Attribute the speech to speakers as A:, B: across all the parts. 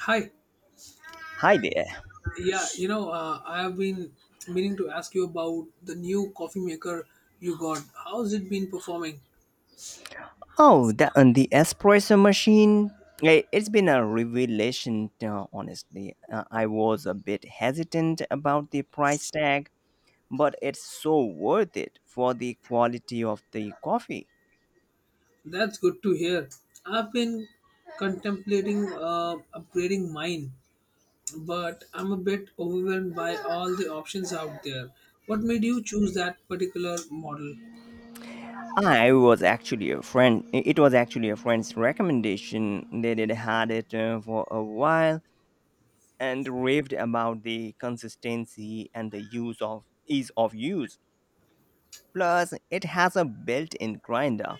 A: Hi.
B: Hi there.
A: I have been meaning to ask you about the new coffee maker you got. How's it been performing?
B: Oh, the, and the espresso machine. It's been a revelation, honestly. I was a bit hesitant about the price tag, but it's so worth it for the quality of the coffee.
A: That's good to hear. I've been contemplating upgrading mine, but I'm a bit overwhelmed by all the options out there. What made you choose that particular model?
B: I was actually a friend. I- It was actually a friend's recommendation. They had had it for a while and raved about the consistency and the use of ease of use. Plus, it has a built in grinder,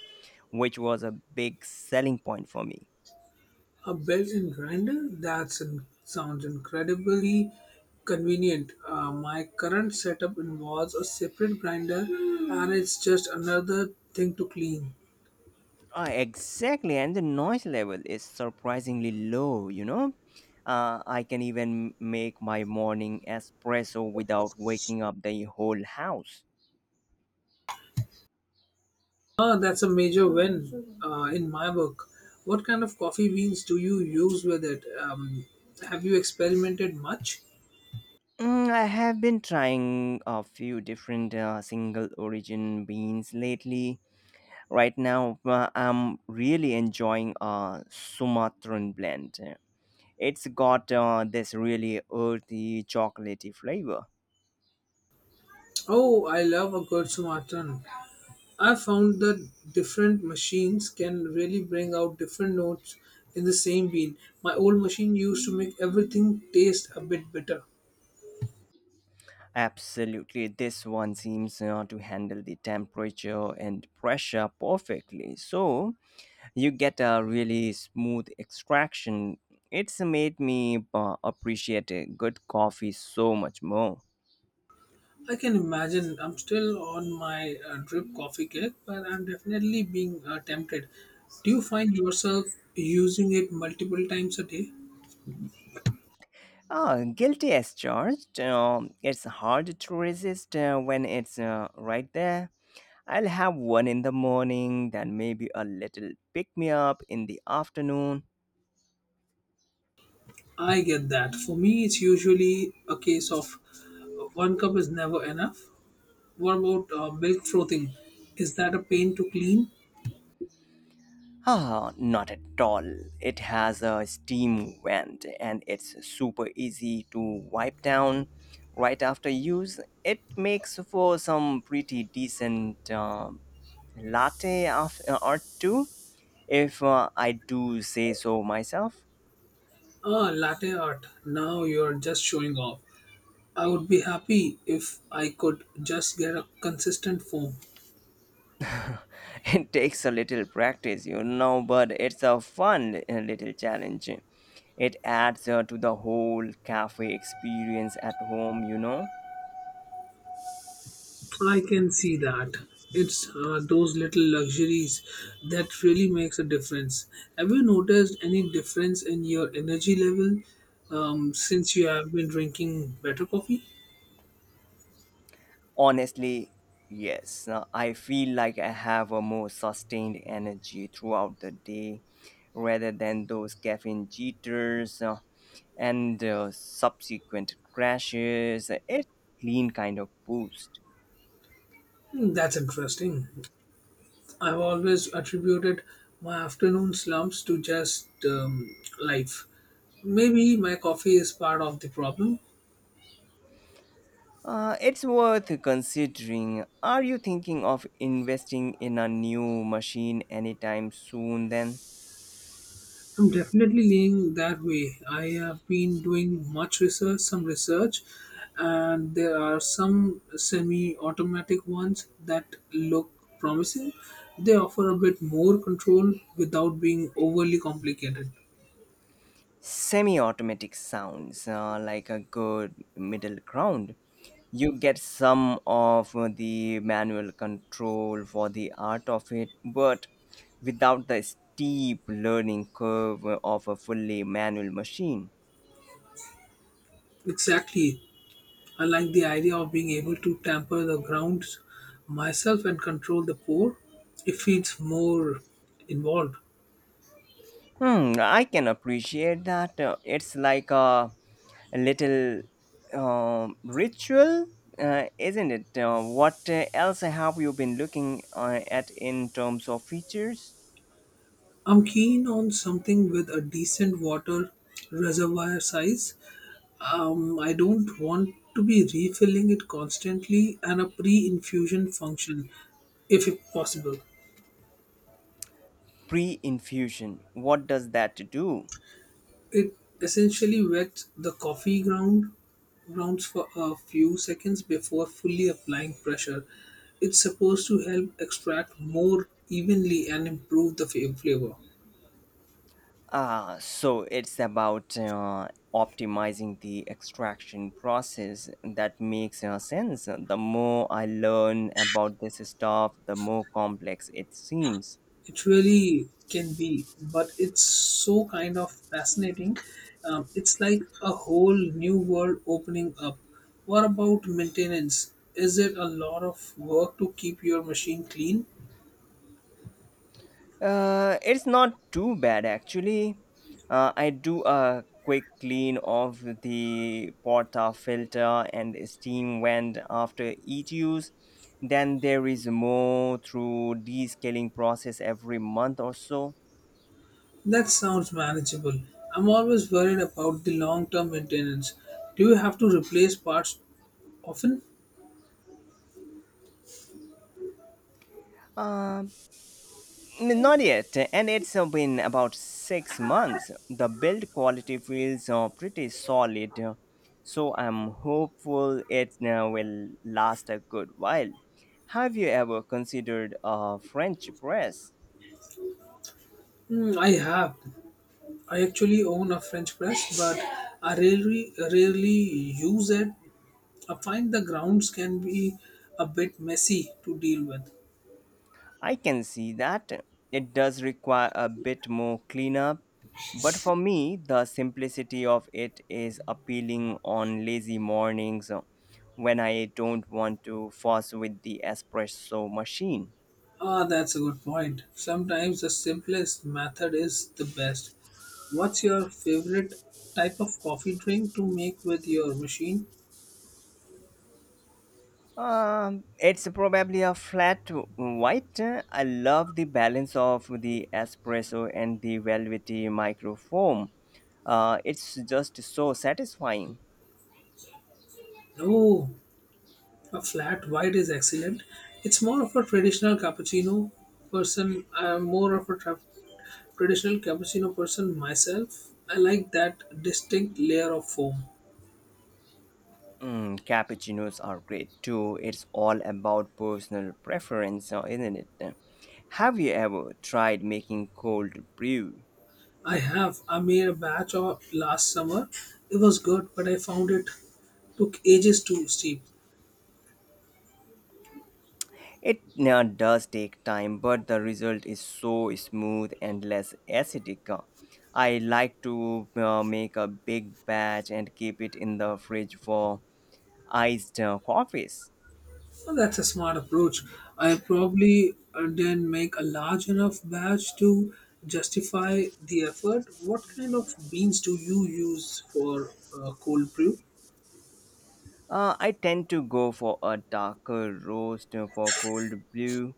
B: which was a big selling point for me.
A: A built-in grinder? That sounds incredibly convenient. My current setup involves a separate grinder, and it's just another thing to clean.
B: Ah, exactly, and the noise level is surprisingly low, I can even make my morning espresso without waking up the whole house.
A: Ah, that's a major win in my book. What kind of coffee beans do you use with it? Have you experimented much?
B: Mm, I have been trying a few different single origin beans lately. Right now, I'm really enjoying a Sumatran blend. It's got this really earthy, chocolatey flavor.
A: Oh, I love a good Sumatran. I found that different machines can really bring out different notes in the same bean. My old machine used to make everything taste a bit bitter.
B: Absolutely, this one seems to handle the temperature and pressure perfectly. So you get a really smooth extraction. It's made me appreciate a good coffee so much more.
A: I can imagine. I'm still on my drip coffee cake, but I'm definitely being tempted. Do you find yourself using it multiple times a day?
B: Ah, guilty as charged. It's hard to resist when it's right there. I'll have one in the morning, then maybe a little pick me up in the afternoon.
A: I get that. For me, it's usually a case of one cup is never enough. What about milk frothing? Is that a pain to clean?
B: Ah, not at all. It has a steam vent and it's super easy to wipe down right after use. It makes for some pretty decent latte art too, if I do say so myself.
A: Ah, latte art. Now you're just showing off. I would be happy if I could just get a consistent form.
B: It takes a little practice, but it's a fun little challenge. It adds to the whole cafe experience at home.
A: I can see that. It's those little luxuries that really makes a difference. Have you noticed any difference in your energy level since you have been drinking better coffee?
B: Honestly, yes. Now, I feel like I have a more sustained energy throughout the day rather than those caffeine jitters and subsequent crashes. It's a clean kind of boost.
A: Hmm, that's interesting. I've always attributed my afternoon slumps to just life. Maybe my coffee is part of the problem.
B: It's worth considering. Are you thinking of investing in a new machine anytime soon then?
A: I'm definitely leaning that way. I have been doing some research, and there are some semi-automatic ones that look promising. They offer a bit more control without being overly complicated.
B: Semi-automatic sounds like a good middle ground. You get some of the manual control for the art of it, but without the steep learning curve of a fully manual machine.
A: Exactly. I like the idea of being able to tamper the grounds myself and control the pour if it's more involved.
B: Hmm, I can appreciate that. It's like a little ritual, isn't it? What else have you been looking at in terms of features?
A: I'm keen on something with a decent water reservoir size. I don't want to be refilling it constantly and a pre infusion function, if it possible.
B: Pre infusion. What does that do?
A: It essentially wets the coffee ground grounds for a few seconds before fully applying pressure. It's supposed to help extract more evenly and improve the flavor.
B: Ah, so it's about optimizing the extraction process. That makes sense. The more I learn about this stuff, the more complex it seems.
A: It really can be, but it's so kind of fascinating. It's like a whole new world opening up. What about maintenance? Is it a lot of work to keep your machine clean?
B: It's not too bad actually. I do a quick clean of the porta filter and steam vent after each use. Then there is more through descaling process every month or so.
A: That sounds manageable. I'm always worried about the long term maintenance. Do you have to replace parts often?
B: Um, Not yet, and it's been about six months. The build quality feels pretty solid, so I'm hopeful it will last a good while. Have you ever considered a French press?
A: Hmm, I have. I actually own a French press, but I rarely use it. I find the grounds can be a bit messy to deal with.
B: I can see that it does require a bit more cleanup, but for me, the simplicity of it is appealing on lazy mornings when I don't want to fuss with the espresso machine.
A: Ah, that's a good point. Sometimes the simplest method is the best. What's your favorite type of coffee drink to make with your machine?
B: It's probably a flat white. I love the balance of the espresso and the velvety microfoam. It's just so satisfying.
A: No, a flat white is excellent. It's more of a traditional cappuccino person. I'm more of a traditional cappuccino person myself. I like that distinct layer of foam.
B: Mm, cappuccinos are great too. It's all about personal preference, isn't it? Have you ever tried making cold brew?
A: I have. I made a batch of last summer. It was good, but I found it took ages to steep.
B: It does take time, but the result is so smooth and less acidic. I like to make a big batch and keep it in the fridge for iced coffees.
A: Well, that's a smart approach. I probably then make a large enough batch to justify the effort. What kind of beans do you use for cold brew?
B: I tend to go for a darker roast for cold brew.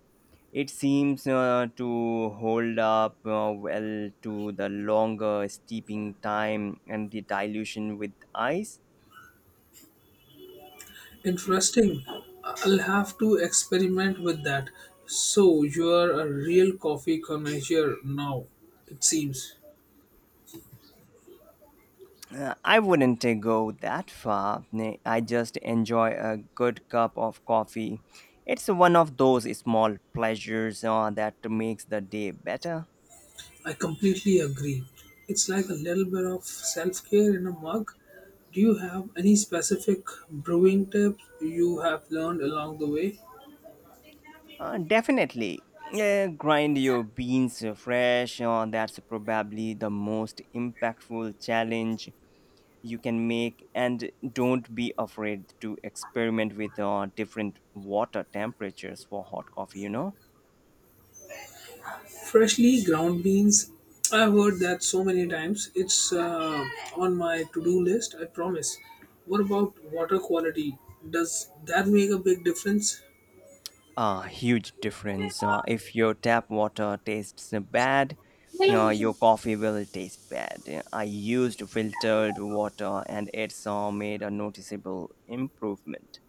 B: It seems to hold up well to the longer steeping time and the dilution with ice.
A: Interesting. I'll have to experiment with that. So you're a real coffee connoisseur now, it seems.
B: I wouldn't go that far. Nay, I just enjoy a good cup of coffee. It's one of those small pleasures that makes the day better.
A: I completely agree. It's like a little bit of self care in a mug. Do you have any specific brewing tips you have learned along the way?
B: Definitely. Grind your beans fresh. That's probably the most impactful challenge you can make. And don't be afraid to experiment with different water temperatures for hot coffee, you know?
A: Freshly ground beans. I've heard that so many times. It's on my to do list, I promise. What about water quality? Does that make a big difference?
B: A huge difference. If your tap water tastes bad, your coffee will taste bad. I used filtered water and it's made a noticeable improvement.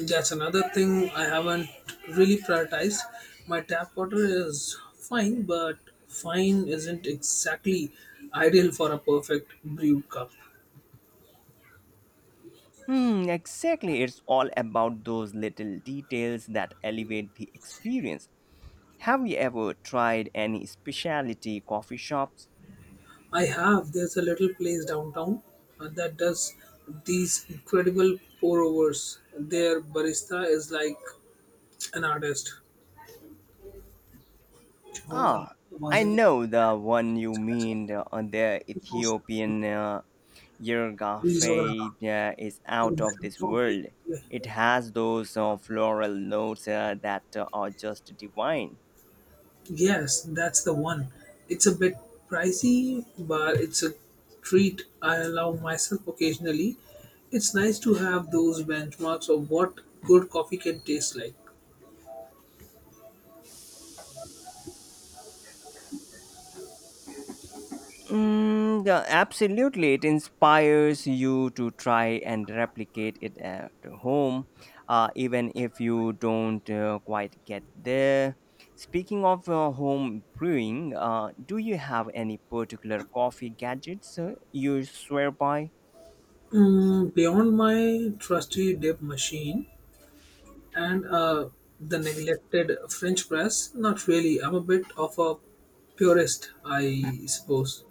A: That's another thing I haven't really prioritized. My tap water is fine, but fine isn't exactly ideal for a perfect brew cup.
B: Hmm, exactly. It's all about those little details that elevate the experience. Have you ever tried any specialty coffee shops?
A: I have, there's a little place downtown that does these incredible pour overs. Their barista is like an artist. वो जब
B: Ah, I
A: वजन ही
B: know the one you mean.
A: करता है,
B: The
A: तो सोचता है,
B: Ethiopian
A: "Please वगैरह का,
B: Yergafe is
A: तो
B: out of this world. It
A: background.
B: has those floral notes that are just divine.
A: Yes, that's the one. It's a bit pricey, but it's a treat I allow myself occasionally. It's nice to have those benchmarks of what good coffee can taste like.
B: Mm, yeah, absolutely. It inspires you to try and replicate it at home, even if you don't quite get there. Speaking of home brewing, do you have any particular coffee gadgets you swear by?
A: Mm, beyond my trusty dip machine and the neglected French press, not really. I'm a bit of a purist, I suppose.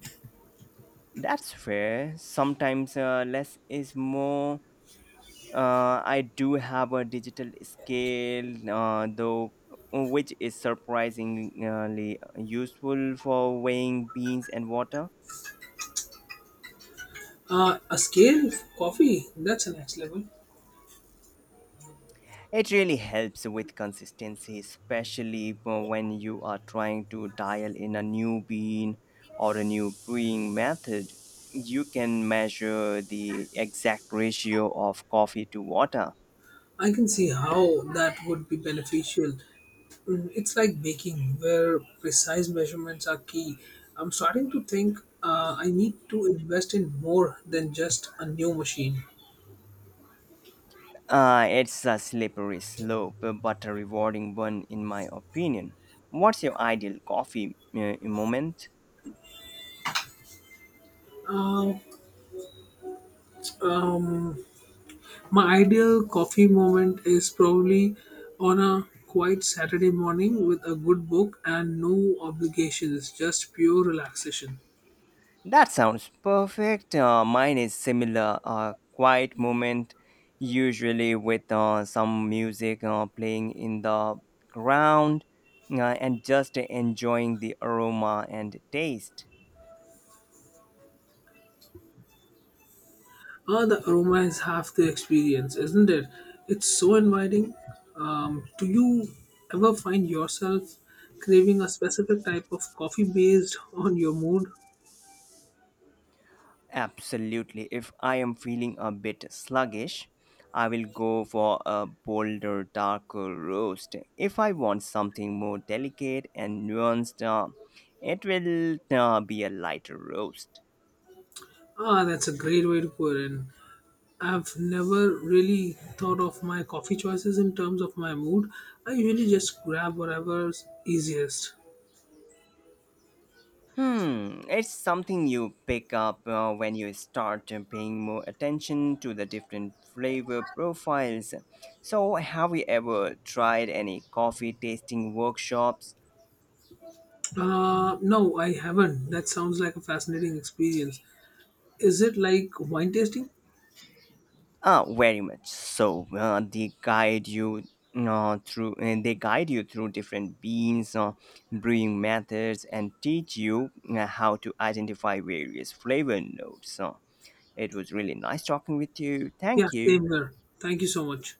B: That's fair. Sometimes less is more. I do have a digital scale, though, which is surprisingly useful for weighing beans and water.
A: A scale coffee, that's a next level.
B: It really helps with consistency, especially for when you are trying to dial in a new bean or a new brewing method. You can measure the exact ratio of coffee to water.
A: I can see how that would be beneficial. Mm, it's like baking, where precise measurements are key. I'm starting to think I need to invest in more than just a new machine.
B: It's a slippery slope, but a rewarding one, in my opinion. What's your ideal coffee moment?
A: Uh, um, my ideal coffee moment is probably on a quiet Saturday morning with a good book and no obligations, just pure relaxation.
B: That sounds perfect. Mine is similar. A quiet moment, usually with some music playing in the ground, and just enjoying the aroma and taste.
A: Oh, the aroma is half the experience, isn't it? It's so inviting. Do you ever find yourself craving a specific type of coffee based on your mood?
B: Absolutely. If I am feeling a bit sluggish, I will go for a bolder, darker roast. If I want something more delicate and nuanced, it will be a lighter roast.
A: Ah, that's a great way to put it. I've never really thought of my coffee choices in terms of my mood. I usually just grab whatever's easiest.
B: Hmm, it's something you pick up when you start paying more attention to the different flavor profiles. So, have you ever tried any coffee tasting workshops?
A: No, I haven't. That sounds like a fascinating experience. Is it like wine tasting?
B: Very much so. They guide you through different beans, brewing methods, and teach you how to identify various flavor notes. It was really nice talking with you.
A: Yeah,
B: Thank you.
A: same here. Thank you so much.